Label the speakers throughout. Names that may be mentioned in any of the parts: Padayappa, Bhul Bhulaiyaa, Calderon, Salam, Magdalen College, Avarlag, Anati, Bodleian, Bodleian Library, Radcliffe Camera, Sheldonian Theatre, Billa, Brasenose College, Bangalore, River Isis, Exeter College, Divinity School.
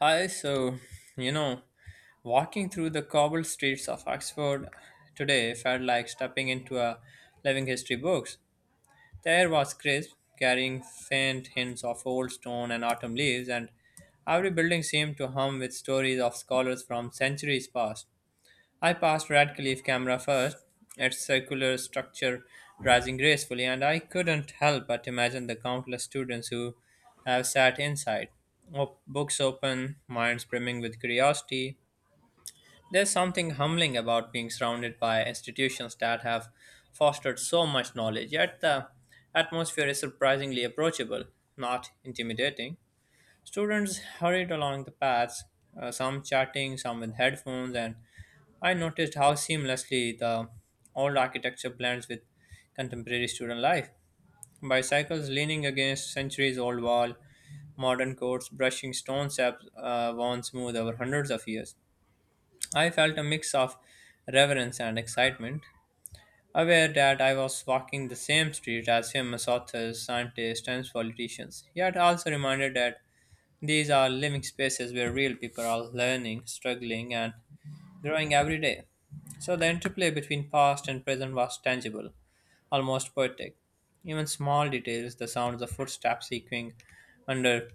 Speaker 1: Hi, you know, walking through the cobbled streets of Oxford today felt like stepping into a living history books. There was Crisp carrying faint hints of old stone and autumn leaves, and every building seemed to hum with stories of scholars from centuries past. I passed Radcliffe camera first, its circular structure rising gracefully, and I couldn't help but imagine the countless students who have sat inside, books open, minds brimming with curiosity. There's something humbling about being surrounded by institutions that have fostered so much knowledge, yet the atmosphere is surprisingly approachable, not intimidating. Students hurried along the paths, some chatting, some with headphones, and I noticed how seamlessly the old architecture blends with contemporary student life. Bicycles leaning against centuries old wall, modern courts brushing stone steps worn smooth over hundreds of years. I felt a mix of reverence and excitement, aware that I was walking the same street as famous authors, scientists, and politicians, yet also reminded that these are living spaces where real people are learning, struggling, and growing every day. So the interplay between past and present was tangible, almost poetic. Even small details, the sounds of footsteps echoing under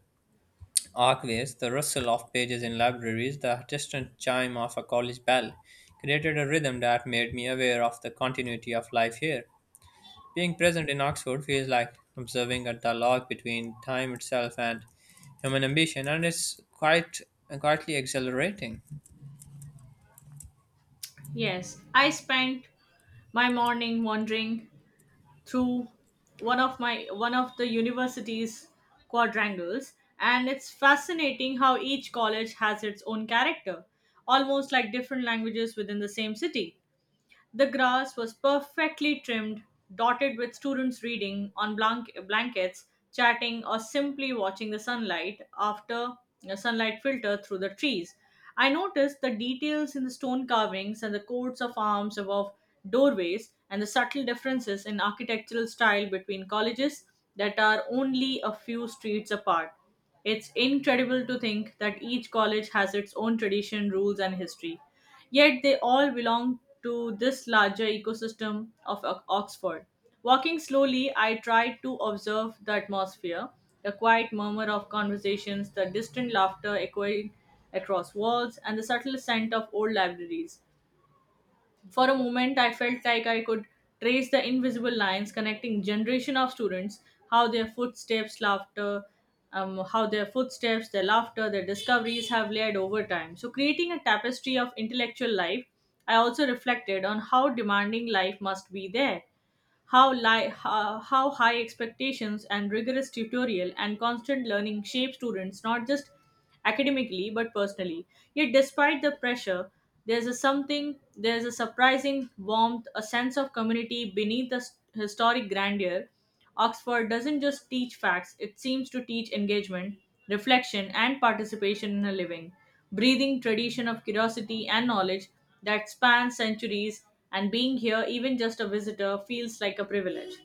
Speaker 1: archways, the rustle of pages in libraries, the distant chime of a college bell, created a rhythm that made me aware of the continuity of life here. Being present in Oxford feels like observing a dialogue between time itself and human ambition, and it's quite quietly exhilarating.
Speaker 2: Yes, I spent my morning wandering through one of the university's quadrangles, and it's fascinating how each college has its own character, almost like different languages within the same city. The grass was perfectly trimmed, dotted with students reading on blankets, chatting, or simply watching the sunlight filter through the trees. I noticed the details in the stone carvings and the coats of arms above doorways and the subtle differences in architectural style between colleges that are only a few streets apart. It's incredible to think that each college has its own tradition, rules, and history. Yet they all belong to this larger ecosystem of Oxford. Walking slowly, I tried to observe the atmosphere, the quiet murmur of conversations, the distant laughter echoing across walls, and the subtle scent of old libraries. For a moment, I felt like I could trace the invisible lines connecting generation of students, how their footsteps, laughter, how their footsteps, their laughter, their discoveries have layered over time. So, creating a tapestry of intellectual life, I also reflected on how demanding life must be there, how high expectations and rigorous tutorial and constant learning shape students not just academically but personally. Yet despite the pressure, there's a surprising warmth, a sense of community beneath the historic grandeur. Oxford doesn't just teach facts, it seems to teach engagement, reflection, and participation in a living, breathing tradition of curiosity and knowledge that spans centuries, and being here, even just a visitor, feels like a privilege.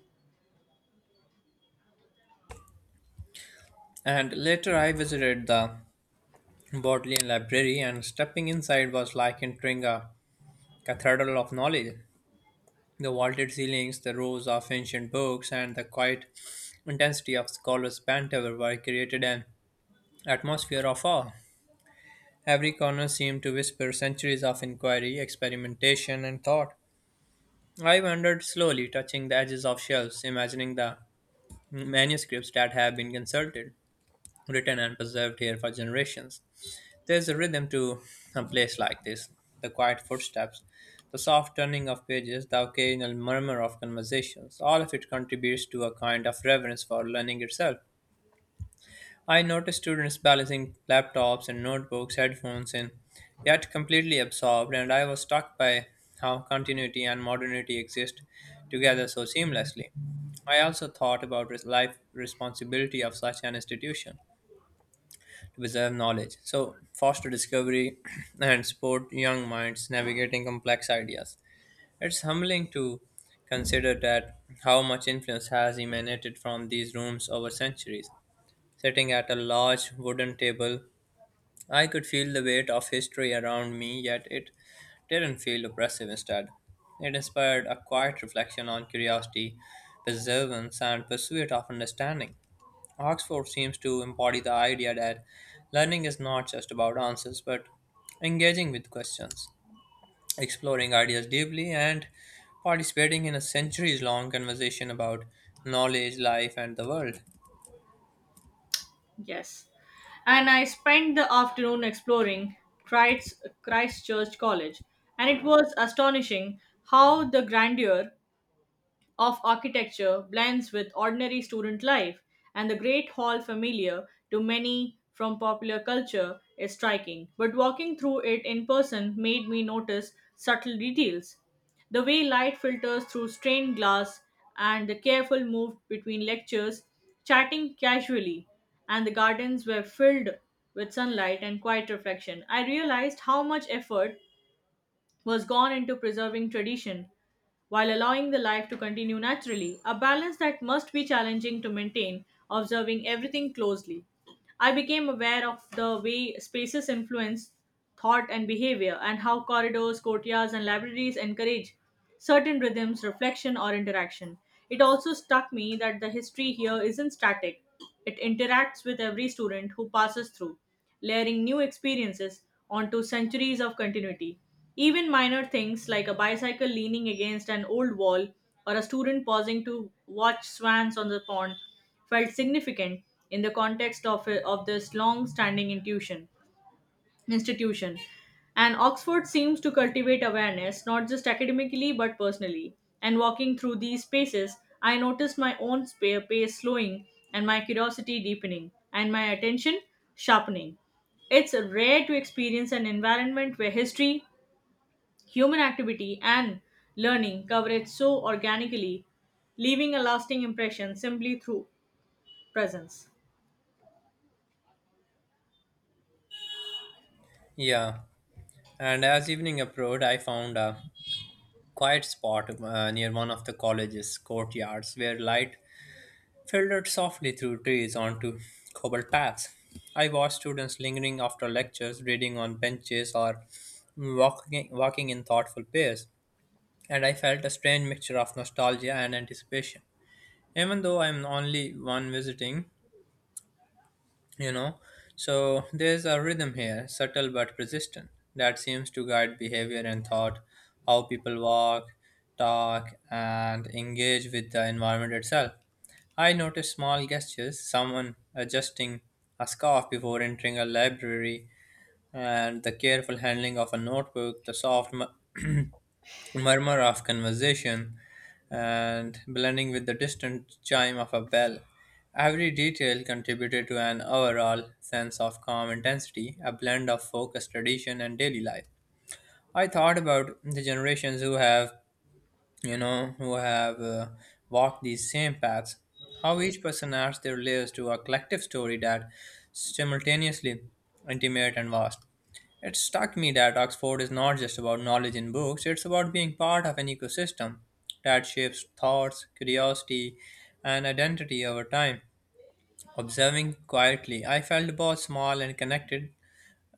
Speaker 1: And later, I visited the Bodleian Library, and stepping inside was like entering a cathedral of knowledge. The vaulted ceilings, the rows of ancient books, and the quiet intensity of scholars' banter were created an atmosphere of awe. Every corner seemed to whisper centuries of inquiry, experimentation, and thought. I wandered slowly, touching the edges of shelves, imagining the manuscripts that have been consulted, written, and preserved here for generations. There's a rhythm to a place like this, the quiet footsteps, the soft turning of pages, the occasional murmur of conversations. All of it contributes to a kind of reverence for learning itself. I notice students balancing laptops and notebooks, headphones, and yet completely absorbed, and I was struck by how continuity and modernity exist together so seamlessly. I also thought about life responsibility of such an institution reserve knowledge. So, foster discovery and support young minds navigating complex ideas. It's humbling to consider that how much influence has emanated from these rooms over centuries. Sitting at a large wooden table, I could feel the weight of history around me, yet it didn't feel oppressive instead. It inspired a quiet reflection on curiosity, perseverance, and pursuit of understanding. Oxford seems to embody the idea that learning is not just about answers, but engaging with questions, exploring ideas deeply, and participating in a centuries long conversation about knowledge, life, and the world.
Speaker 2: Yes. And I spent the afternoon exploring Christchurch College, and it was astonishing how the grandeur of architecture blends with ordinary student life, and the Great Hall, familiar to many from popular culture, is striking. But walking through it in person made me notice subtle details, the way light filters through stained glass, and the careful move between lectures, chatting casually, and the gardens were filled with sunlight and quiet reflection. I realized how much effort was gone into preserving tradition while allowing the life to continue naturally, a balance that must be challenging to maintain. Observing everything closely, I became aware of the way spaces influence thought and behavior, and how corridors, courtyards, and libraries encourage certain rhythms, reflection, or interaction. It also struck me that the history here isn't static. It interacts with every student who passes through, layering new experiences onto centuries of continuity. Even minor things like a bicycle leaning against an old wall or a student pausing to watch swans on the pond felt significant in the context of this long standing intuition institution. And Oxford seems to cultivate awareness, not just academically, but personally. And walking through these spaces, I noticed my own pace slowing and my curiosity deepening and my attention sharpening. It's rare to experience an environment where history, human activity, and learning cover so organically, leaving a lasting impression simply through presence.
Speaker 1: Yeah, and as evening approached, I found a quiet spot near one of the college's courtyards where light filtered softly through trees onto cobble paths. I watched students lingering after lectures, reading on benches, or walking in thoughtful pairs, and I felt a strange mixture of nostalgia and anticipation. Even though I am only one visiting, you know so there's a rhythm here, subtle but persistent, that seems to guide behavior and thought, how people walk, talk and engage with the environment itself. I notice small gestures, someone adjusting a scarf before entering a library, and the careful handling of a notebook, the murmur of conversation, and blending with the distant chime of a bell. Every detail contributed to an overall sense of calm intensity, a blend of focused tradition and daily life. I thought about the generations who have you know, who have uh, walked these same paths, how each person adds their layers to a collective story that simultaneously intimate and vast. It struck me that Oxford is not just about knowledge in books, it's about being part of an ecosystem that shapes thoughts, curiosity, and identity over time. Observing quietly, I felt both small and connected,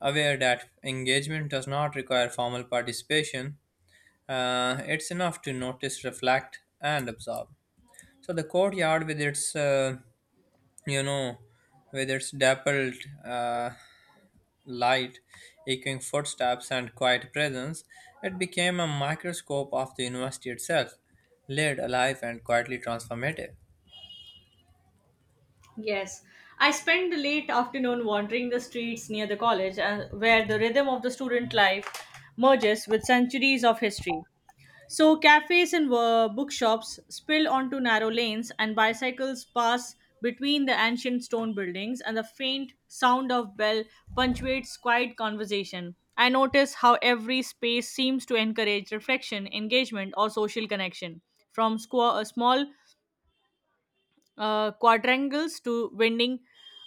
Speaker 1: aware that engagement does not require formal participation. It's enough to notice, reflect, and absorb. So the courtyard, with its you know, with its dappled uh, light, echoing footsteps, and quiet presence, it became a microscope of the university itself, laid alive and quietly transformative.
Speaker 2: Yes, I spent the late afternoon wandering the streets near the college, where the rhythm of the student life merges with centuries of history. So, cafes and bookshops spill onto narrow lanes, and bicycles pass between the ancient stone buildings, and the faint sound of bell punctuates quiet conversation. I notice how every space seems to encourage reflection, engagement, or social connection. From small quadrangles to winding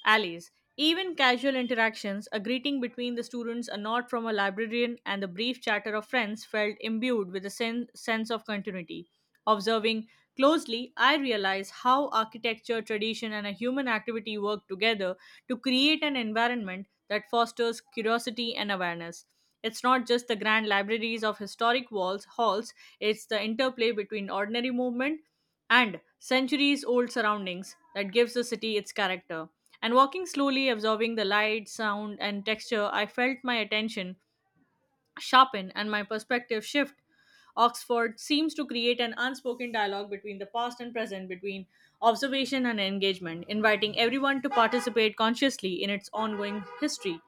Speaker 2: alleys. Even casual interactions, a greeting between the students, a nod from a librarian, and the brief chatter of friends felt imbued with a sense of continuity. Observing closely, I realized how architecture, tradition, and a human activity work together to create an environment that fosters curiosity and awareness. It's not just the grand libraries of historic walls, halls, it's the interplay between ordinary movement and centuries old surroundings that gives the city its character. And walking slowly, absorbing the light, sound, and texture, I felt my attention sharpen and my perspective shift. Oxford seems to create an unspoken dialogue between the past and present, between observation and engagement, inviting everyone to participate consciously in its ongoing history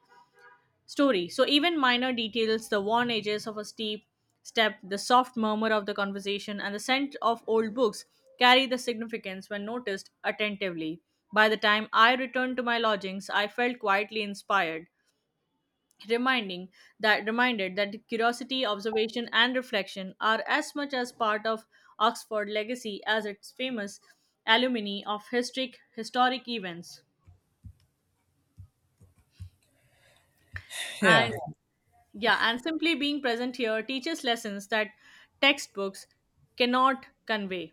Speaker 2: story. So even minor details, the worn edges of a steep step, the soft murmur of the conversation, and the scent of old books carry the significance when noticed attentively. By the time I returned to my lodgings, I felt quietly inspired, reminding that reminded that curiosity, observation, and reflection are as much as part of Oxford legacy as its famous alumni of historic events. And
Speaker 1: Yeah,
Speaker 2: yeah, and simply being present here teaches lessons that textbooks cannot convey.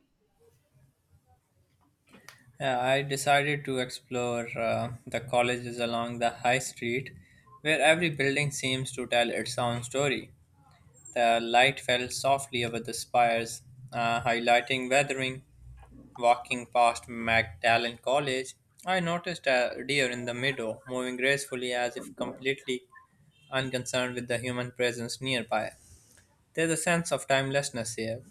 Speaker 1: yeah, I decided to explore the colleges along the high street, where every building seems to tell its own story. The light fell softly over the spires, highlighting weathering. Walking past Magdalen College, I noticed a deer in the meadow, moving gracefully as if completely unconcerned with the human presence nearby. There's a sense of timelessness here.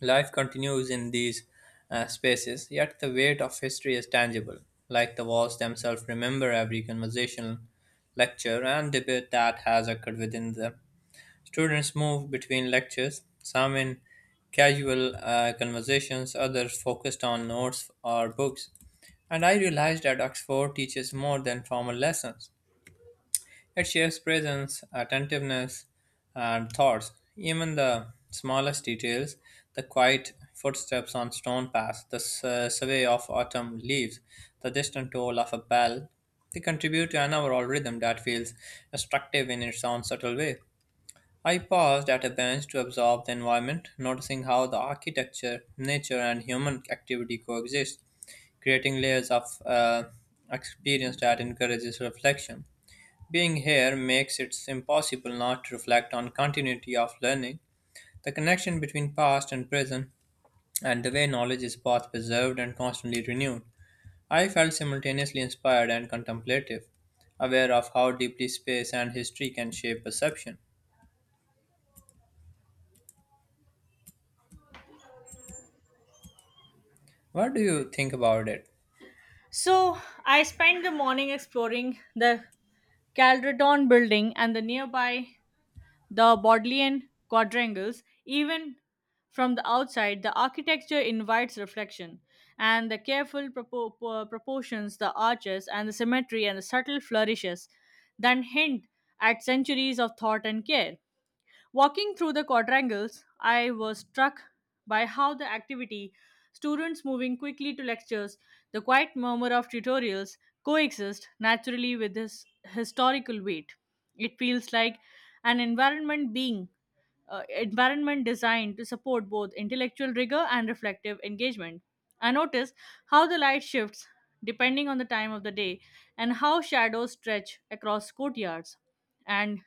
Speaker 1: Life continues in these spaces, yet the weight of history is tangible, like the walls themselves remember every conversation, lecture, and debate that has occurred within them. Students move between lectures, some in casual conversations, others focused on notes or books. And I realized that Oxford teaches more than formal lessons. It shares presence, attentiveness, and thoughts. Even the smallest details, the quiet footsteps on stone paths, the survey of autumn leaves, the distant toll of a bell, they contribute to an overall rhythm that feels instructive in its own subtle way. I paused at a bench to absorb the environment, noticing how the architecture, nature, and human activity coexist, creating layers of experience that encourages reflection. Being here makes it impossible not to reflect on continuity of learning, the connection between past and present, and the way knowledge is both preserved and constantly renewed. I felt simultaneously inspired and contemplative, aware of how deeply space and history can shape perception. What do you think about it?
Speaker 2: So I spent the morning exploring the Calderon building and the nearby the Bodleian quadrangles. Even from the outside, the architecture invites reflection, and the careful proportions, the arches, and the symmetry, and the subtle flourishes that hint at centuries of thought and care. Walking through the quadrangles, I was struck by how the activity, students moving quickly to lectures, the quiet murmur of tutorials coexist naturally with this historical weight. It feels like an environment designed to support both intellectual rigor and reflective engagement. I notice how the light shifts depending on the time of the day and how shadows stretch across courtyards. And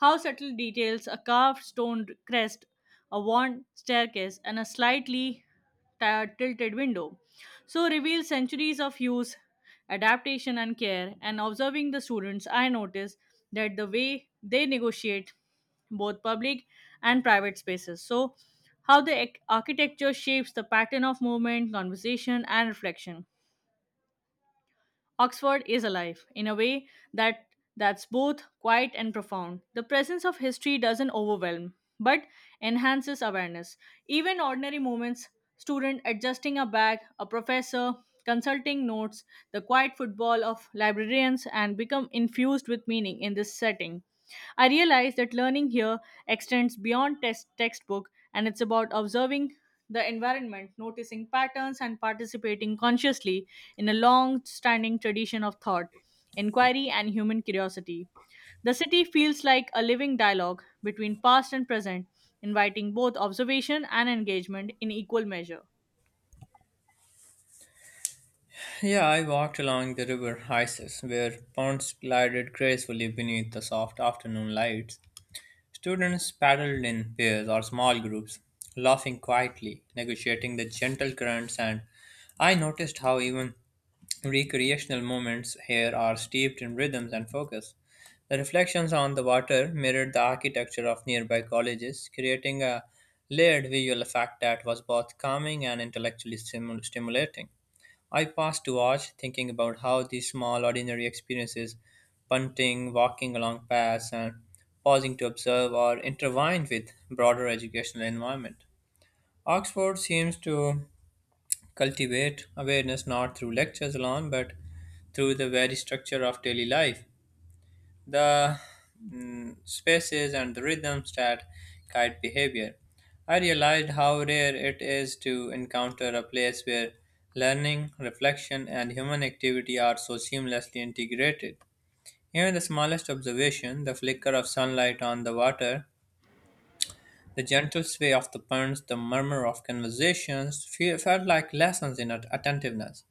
Speaker 2: how subtle details, a carved stone crest, a worn staircase, and a slightly tilted window so reveal centuries of use, adaptation, and care. And observing the students, I notice that the way they negotiate both public and private spaces. So, how the architecture shapes the pattern of movement, conversation, and reflection. Oxford is alive in a way that's both quiet and profound. The presence of history doesn't overwhelm, but enhances awareness. Even ordinary moments, student adjusting a bag, a professor consulting notes, the quiet football of librarians and become infused with meaning in this setting. I realize that learning here extends beyond test textbook, and it's about observing the environment, noticing patterns, and participating consciously in a long standing tradition of thought, inquiry, and human curiosity. The city feels like a living dialogue between past and present, inviting both observation and engagement in equal measure.
Speaker 1: Yeah, I walked along the river Isis, where ponds glided gracefully beneath the soft afternoon lights. Students paddled in pairs or small groups, laughing quietly, negotiating the gentle currents, and I noticed how even recreational moments here are steeped in rhythms and focus. The reflections on the water mirrored the architecture of nearby colleges, creating a layered visual effect that was both calming and intellectually stimulating. I paused to watch, thinking about how these small, ordinary experiences, punting, walking along paths, and pausing to observe are intertwined with broader educational environment. Oxford seems to cultivate awareness not through lectures alone, but through the very structure of daily life, the spaces and the rhythms that guide behavior. I realized how rare it is to encounter a place where learning, reflection, and human activity are so seamlessly integrated. Even the smallest observation, the flicker of sunlight on the water, the gentle sway of the pens, the murmur of conversations, felt like lessons in attentiveness.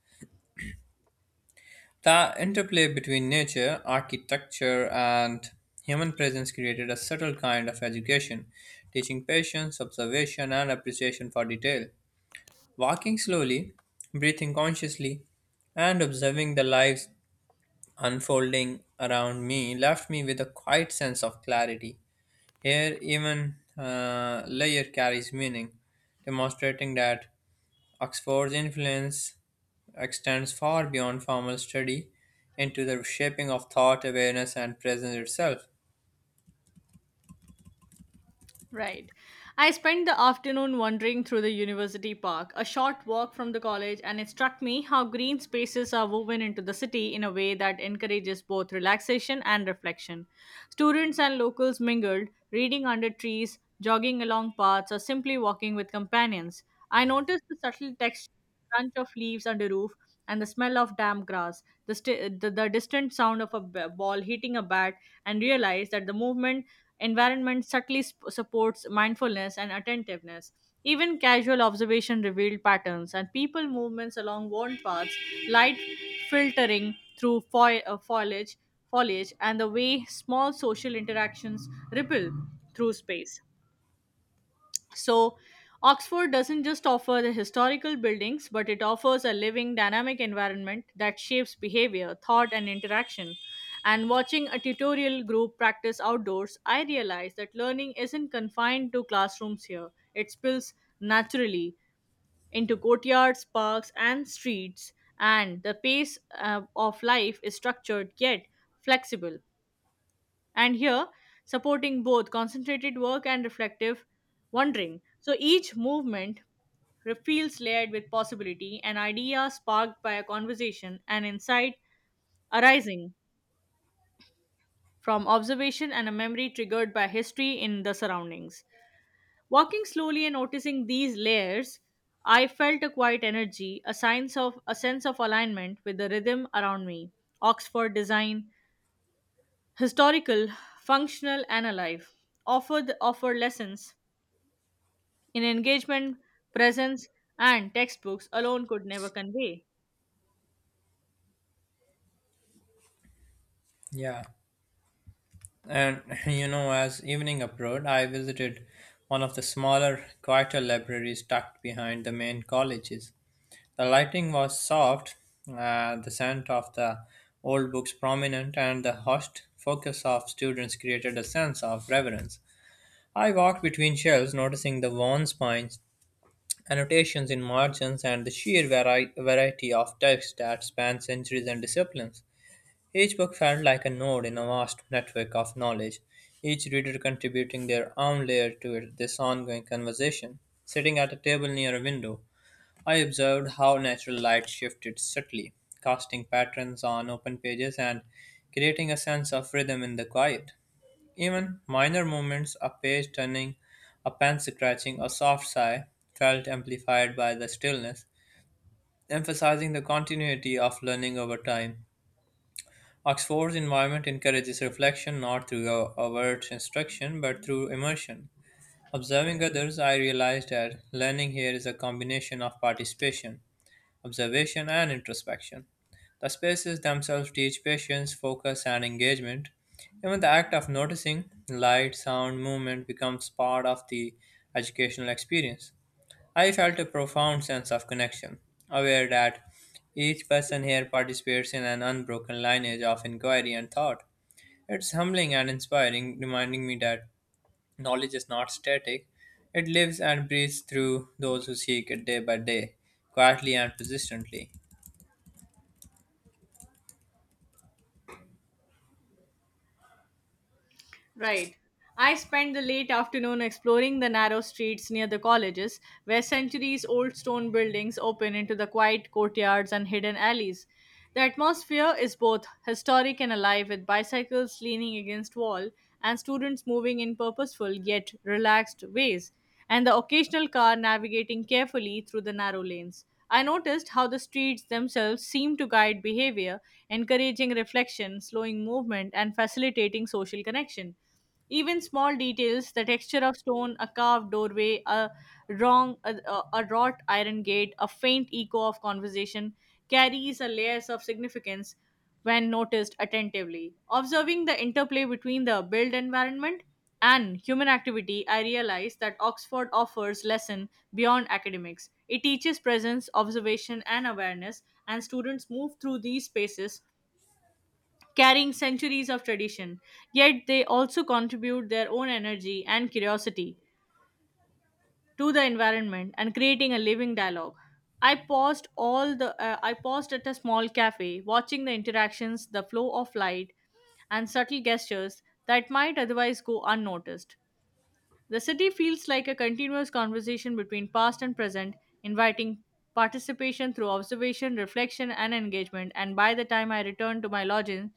Speaker 1: The interplay between nature, architecture, and human presence created a subtle kind of education, teaching patience, observation, and appreciation for detail. Walking slowly, breathing consciously, and observing the lives unfolding around me left me with a quiet sense of clarity. Here, even layer carries meaning, demonstrating that Oxford's influence extends far beyond formal study into the shaping of thought, awareness, and presence itself.
Speaker 2: Right. I spent the afternoon wandering through the university park, a short walk from the college, and it struck me how green spaces are woven into the city in a way that encourages both relaxation and reflection. Students and locals mingled, reading under trees, jogging along paths, or simply walking with companions. I noticed the subtle texture, crunch of leaves under roof, and the smell of damp grass, the distant sound of a ball hitting a bat, and realize that the movement environment subtly supports mindfulness and attentiveness. Even casual observation revealed patterns and people movements along worn paths, light filtering through foliage, and the way small social interactions ripple through space. So, Oxford doesn't just offer the historical buildings, but it offers a living, dynamic environment that shapes behavior, thought, and interaction. And watching a tutorial group practice outdoors, I realized that learning isn't confined to classrooms here. It spills naturally into courtyards, parks, and streets, and the pace of life is structured yet flexible and here supporting both concentrated work and reflective wondering. So each movement feels layered with possibility, an idea sparked by a conversation, an insight arising from observation, and a memory triggered by history in the surroundings. Walking slowly and noticing these layers, I felt a quiet energy, a sense of alignment with the rhythm around me. Oxford design, historical, functional, and alive, offer lessons in engagement, presence, and textbooks alone could never convey.
Speaker 1: Yeah. And as evening approached, I visited one of the smaller, quieter libraries tucked behind the main colleges. The lighting was soft, the scent of the old books prominent, and the hushed focus of students created a sense of reverence. I walked between shelves, noticing the worn spines, annotations in margins and the sheer variety of text that spans centuries and disciplines. Each book felt like a node in a vast network of knowledge, each reader contributing their own layer to this ongoing conversation. Sitting at a table near a window, I observed how natural light shifted subtly, casting patterns on open pages and creating a sense of rhythm in the quiet. Even minor movements, a page turning, a pen scratching, a soft sigh, felt amplified by the stillness, emphasizing the continuity of learning over time. Oxford's environment encourages reflection not through overt instruction but through immersion. Observing others, I realized that learning here is a combination of participation, observation, and introspection. The spaces themselves teach patience, focus, and engagement. Even the act of noticing light, sound, movement becomes part of the educational experience. I felt a profound sense of connection, aware that each person here participates in an unbroken lineage of inquiry and thought. It's humbling and inspiring, reminding me that knowledge is not static. It lives and breathes through those who seek it day by day, quietly and persistently.
Speaker 2: Right. I spent the late afternoon exploring the narrow streets near the colleges, where centuries old stone buildings open into the quiet courtyards and hidden alleys. The atmosphere is both historic and alive, with bicycles leaning against wall and students moving in purposeful yet relaxed ways, and the occasional car navigating carefully through the narrow lanes. I noticed how the streets themselves seem to guide behavior, encouraging reflection, slowing movement, and facilitating social connection. Even small details, the texture of stone, a carved doorway, a wrought iron gate, a faint echo of conversation, carries a layers of significance when noticed attentively. Observing the interplay between the built environment and human activity, I realized that Oxford offers lesson beyond academics. It teaches presence, observation, and awareness, and students move through these spaces carrying centuries of tradition. Yet they also contribute their own energy and curiosity to the environment and creating a living dialogue. I paused at a small cafe watching the interactions, the flow of light and subtle gestures that might otherwise go unnoticed. The city feels like a continuous conversation between past and present, inviting participation through observation, reflection, and engagement. And by the time I returned to my lodging,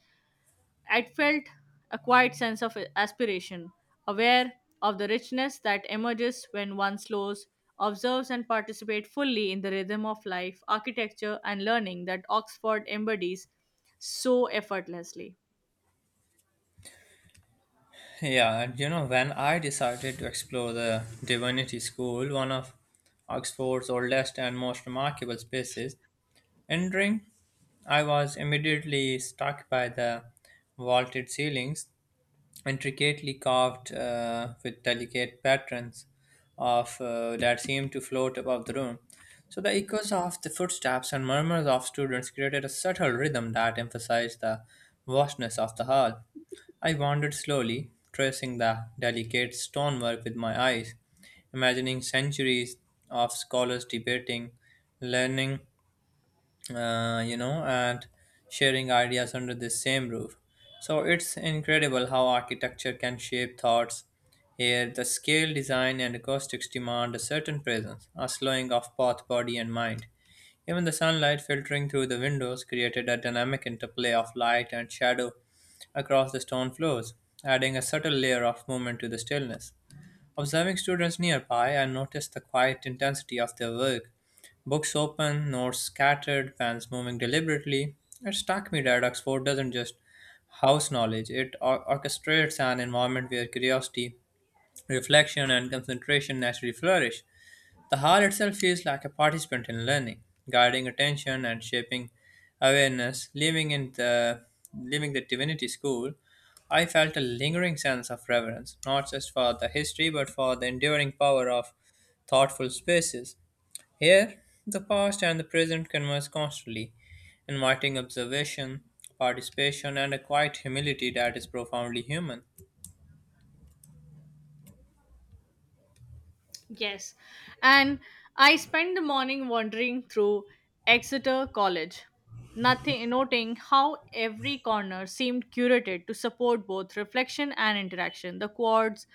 Speaker 2: I felt a quiet sense of aspiration, aware of the richness that emerges when one slows, observes, and participates fully in the rhythm of life, architecture, and learning that Oxford embodies so effortlessly.
Speaker 1: Yeah, and when I decided to explore the Divinity School, one of Oxford's oldest and most remarkable spaces, entering, I was immediately struck by the vaulted ceilings, intricately carved with delicate patterns of that seemed to float above the room. So the echoes of the footsteps and murmurs of students created a subtle rhythm that emphasized the vastness of the hall. I wandered slowly, tracing the delicate stonework with my eyes, imagining centuries of scholars debating, learning, and sharing ideas under the same roof. So it's incredible how architecture can shape thoughts. Here, the scale, design, and acoustics demand a certain presence, a slowing of both body and mind. Even the sunlight filtering through the windows created a dynamic interplay of light and shadow across the stone floors, adding a subtle layer of movement to the stillness. Observing students nearby, I noticed the quiet intensity of their work. Books open, notes scattered, pens moving deliberately. It struck me that Oxford doesn't just house knowledge, it orchestrates an environment where curiosity, reflection, and concentration naturally flourish. The hall itself feels like a participant in learning, guiding attention and shaping awareness. Living the Divinity School, I felt a lingering sense of reverence, not just for the history but for the enduring power of thoughtful spaces. Here, the past and the present converse constantly, inviting observation, participation, and a quiet humility that is profoundly human.
Speaker 2: Yes. And I spent the morning wandering through Exeter College, nothing noting how every corner seemed curated to support both reflection and interaction. The quads,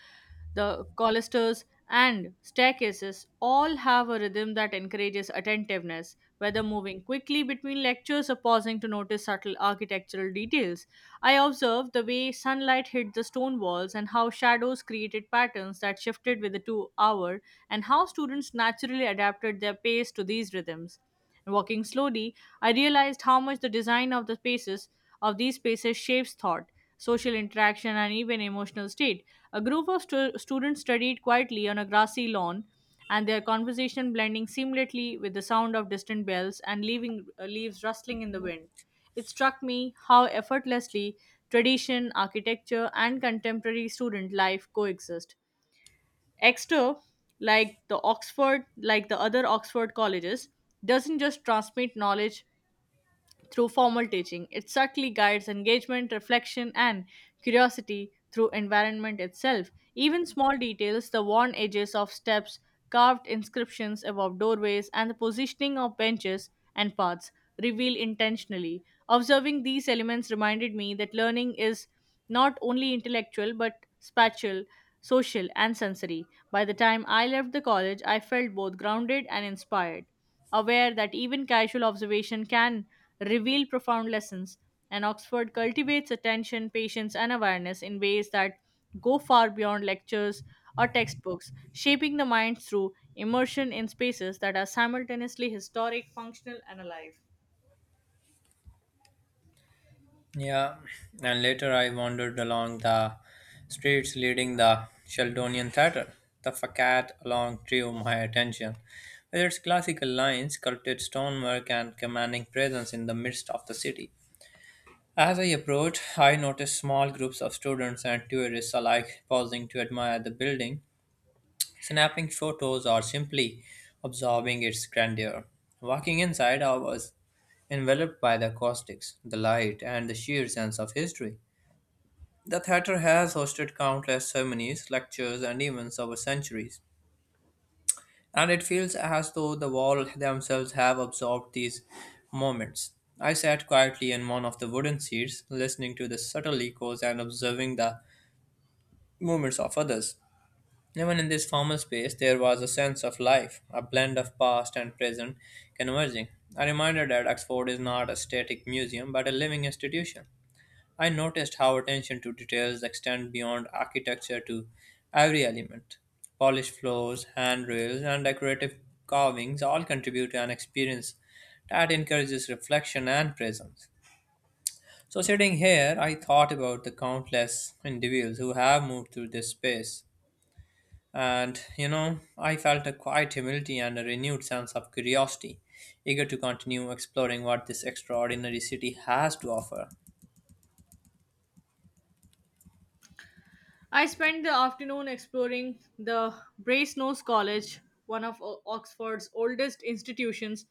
Speaker 2: the colisters, and staircases all have a rhythm that encourages attentiveness. Whether moving quickly between lectures or pausing to notice subtle architectural details, I observed the way sunlight hit the stone walls and how shadows created patterns that shifted with the 2 hour, and how students naturally adapted their pace to these rhythms. And walking slowly, I realized how much the design of the spaces of these spaces shapes thought, social interaction, and even emotional state. A group of students studied quietly on a grassy lawn, and their conversation blending seamlessly with the sound of distant bells and leaves rustling in the wind. It struck me how effortlessly tradition, architecture, and contemporary student life coexist. Exeter, like the other Oxford colleges, doesn't just transmit knowledge through formal teaching. It subtly guides engagement, reflection, and curiosity through environment itself. Even small details, the worn edges of steps, carved inscriptions above doorways, and the positioning of benches and paths reveal intentionally. Observing these elements reminded me that learning is not only intellectual but spatial, social, and sensory. By the time I left the college, I felt both grounded and inspired, aware that even casual observation can reveal profound lessons, and Oxford cultivates attention, patience, and awareness in ways that go far beyond lectures or textbooks, shaping the mind through immersion in spaces that are simultaneously historic, functional, and alive.
Speaker 1: Yeah, and later I wandered along the streets leading the Sheldonian Theatre. The facade along drew my attention, with its classical lines, sculpted stonework, and commanding presence in the midst of the city. As I approached, I noticed small groups of students and tourists alike pausing to admire the building, snapping photos, or simply absorbing its grandeur. Walking inside, I was enveloped by the acoustics, the light, and the sheer sense of history. The theater has hosted countless ceremonies, lectures, and events over centuries, and it feels as though the walls themselves have absorbed these moments. I sat quietly in one of the wooden seats, listening to the subtle echoes and observing the movements of others. Even in this formal space, there was a sense of life, a blend of past and present converging. A reminder that Oxford is not a static museum but a living institution. I noticed how attention to details extend beyond architecture to every element. Polished floors, handrails, and decorative carvings all contribute to an experience that encourages reflection and presence. So, sitting here, I thought about the countless individuals who have moved through this space. And, I felt a quiet humility and a renewed sense of curiosity, eager to continue exploring what this extraordinary city has to offer.
Speaker 2: I spent the afternoon exploring the Brasenose College, one of Oxford's oldest institutions,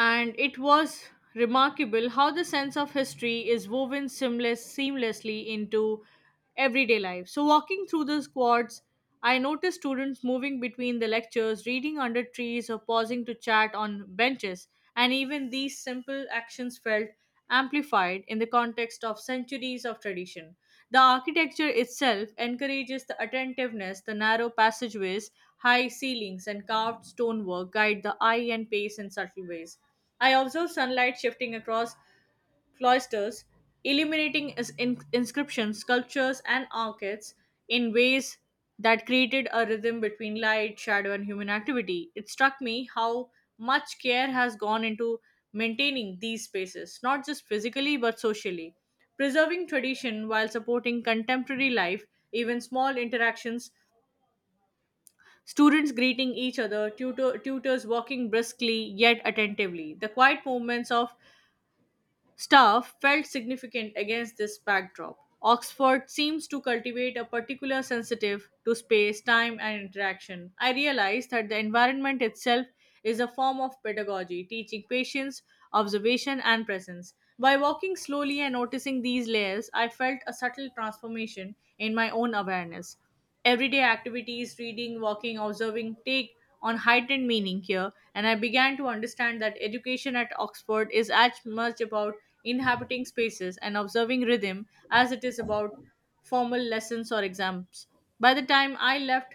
Speaker 2: and it was remarkable how the sense of history is seamlessly into everyday life. So, walking through the squads, I noticed students moving between the lectures, reading under trees, or pausing to chat on benches. And even these simple actions felt amplified in the context of centuries of tradition. The architecture itself encourages the attentiveness, the narrow passageways, high ceilings, and carved stonework guide the eye and pace in subtle ways. I observe sunlight shifting across cloisters, illuminating inscriptions, sculptures, and arcades in ways that created a rhythm between light, shadow, and human activity. It struck me how much care has gone into maintaining these spaces, not just physically but socially. Preserving tradition while supporting contemporary life, even small interactions, students greeting each other, tutors walking briskly yet attentively. The quiet movements of staff felt significant against this backdrop. Oxford seems to cultivate a particular sensitive to space, time, and interaction. I realized that the environment itself is a form of pedagogy, teaching patience, observation, and presence. By walking slowly and noticing these layers, I felt a subtle transformation in my own awareness. Everyday activities, reading, walking, observing, take on heightened meaning here, and I began to understand that education at Oxford is as much about inhabiting spaces and observing rhythm as it is about formal lessons or exams. By the time I left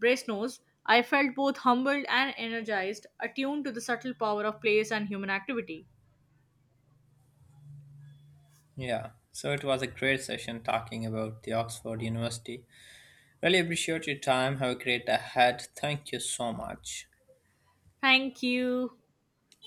Speaker 2: Brasenose, I felt both humbled and energized, attuned to the subtle power of place and human activity.
Speaker 1: Yeah, so it was a great session talking about the Oxford University. Really appreciate your time. Have a great ahead. Thank you so much.
Speaker 2: Thank you.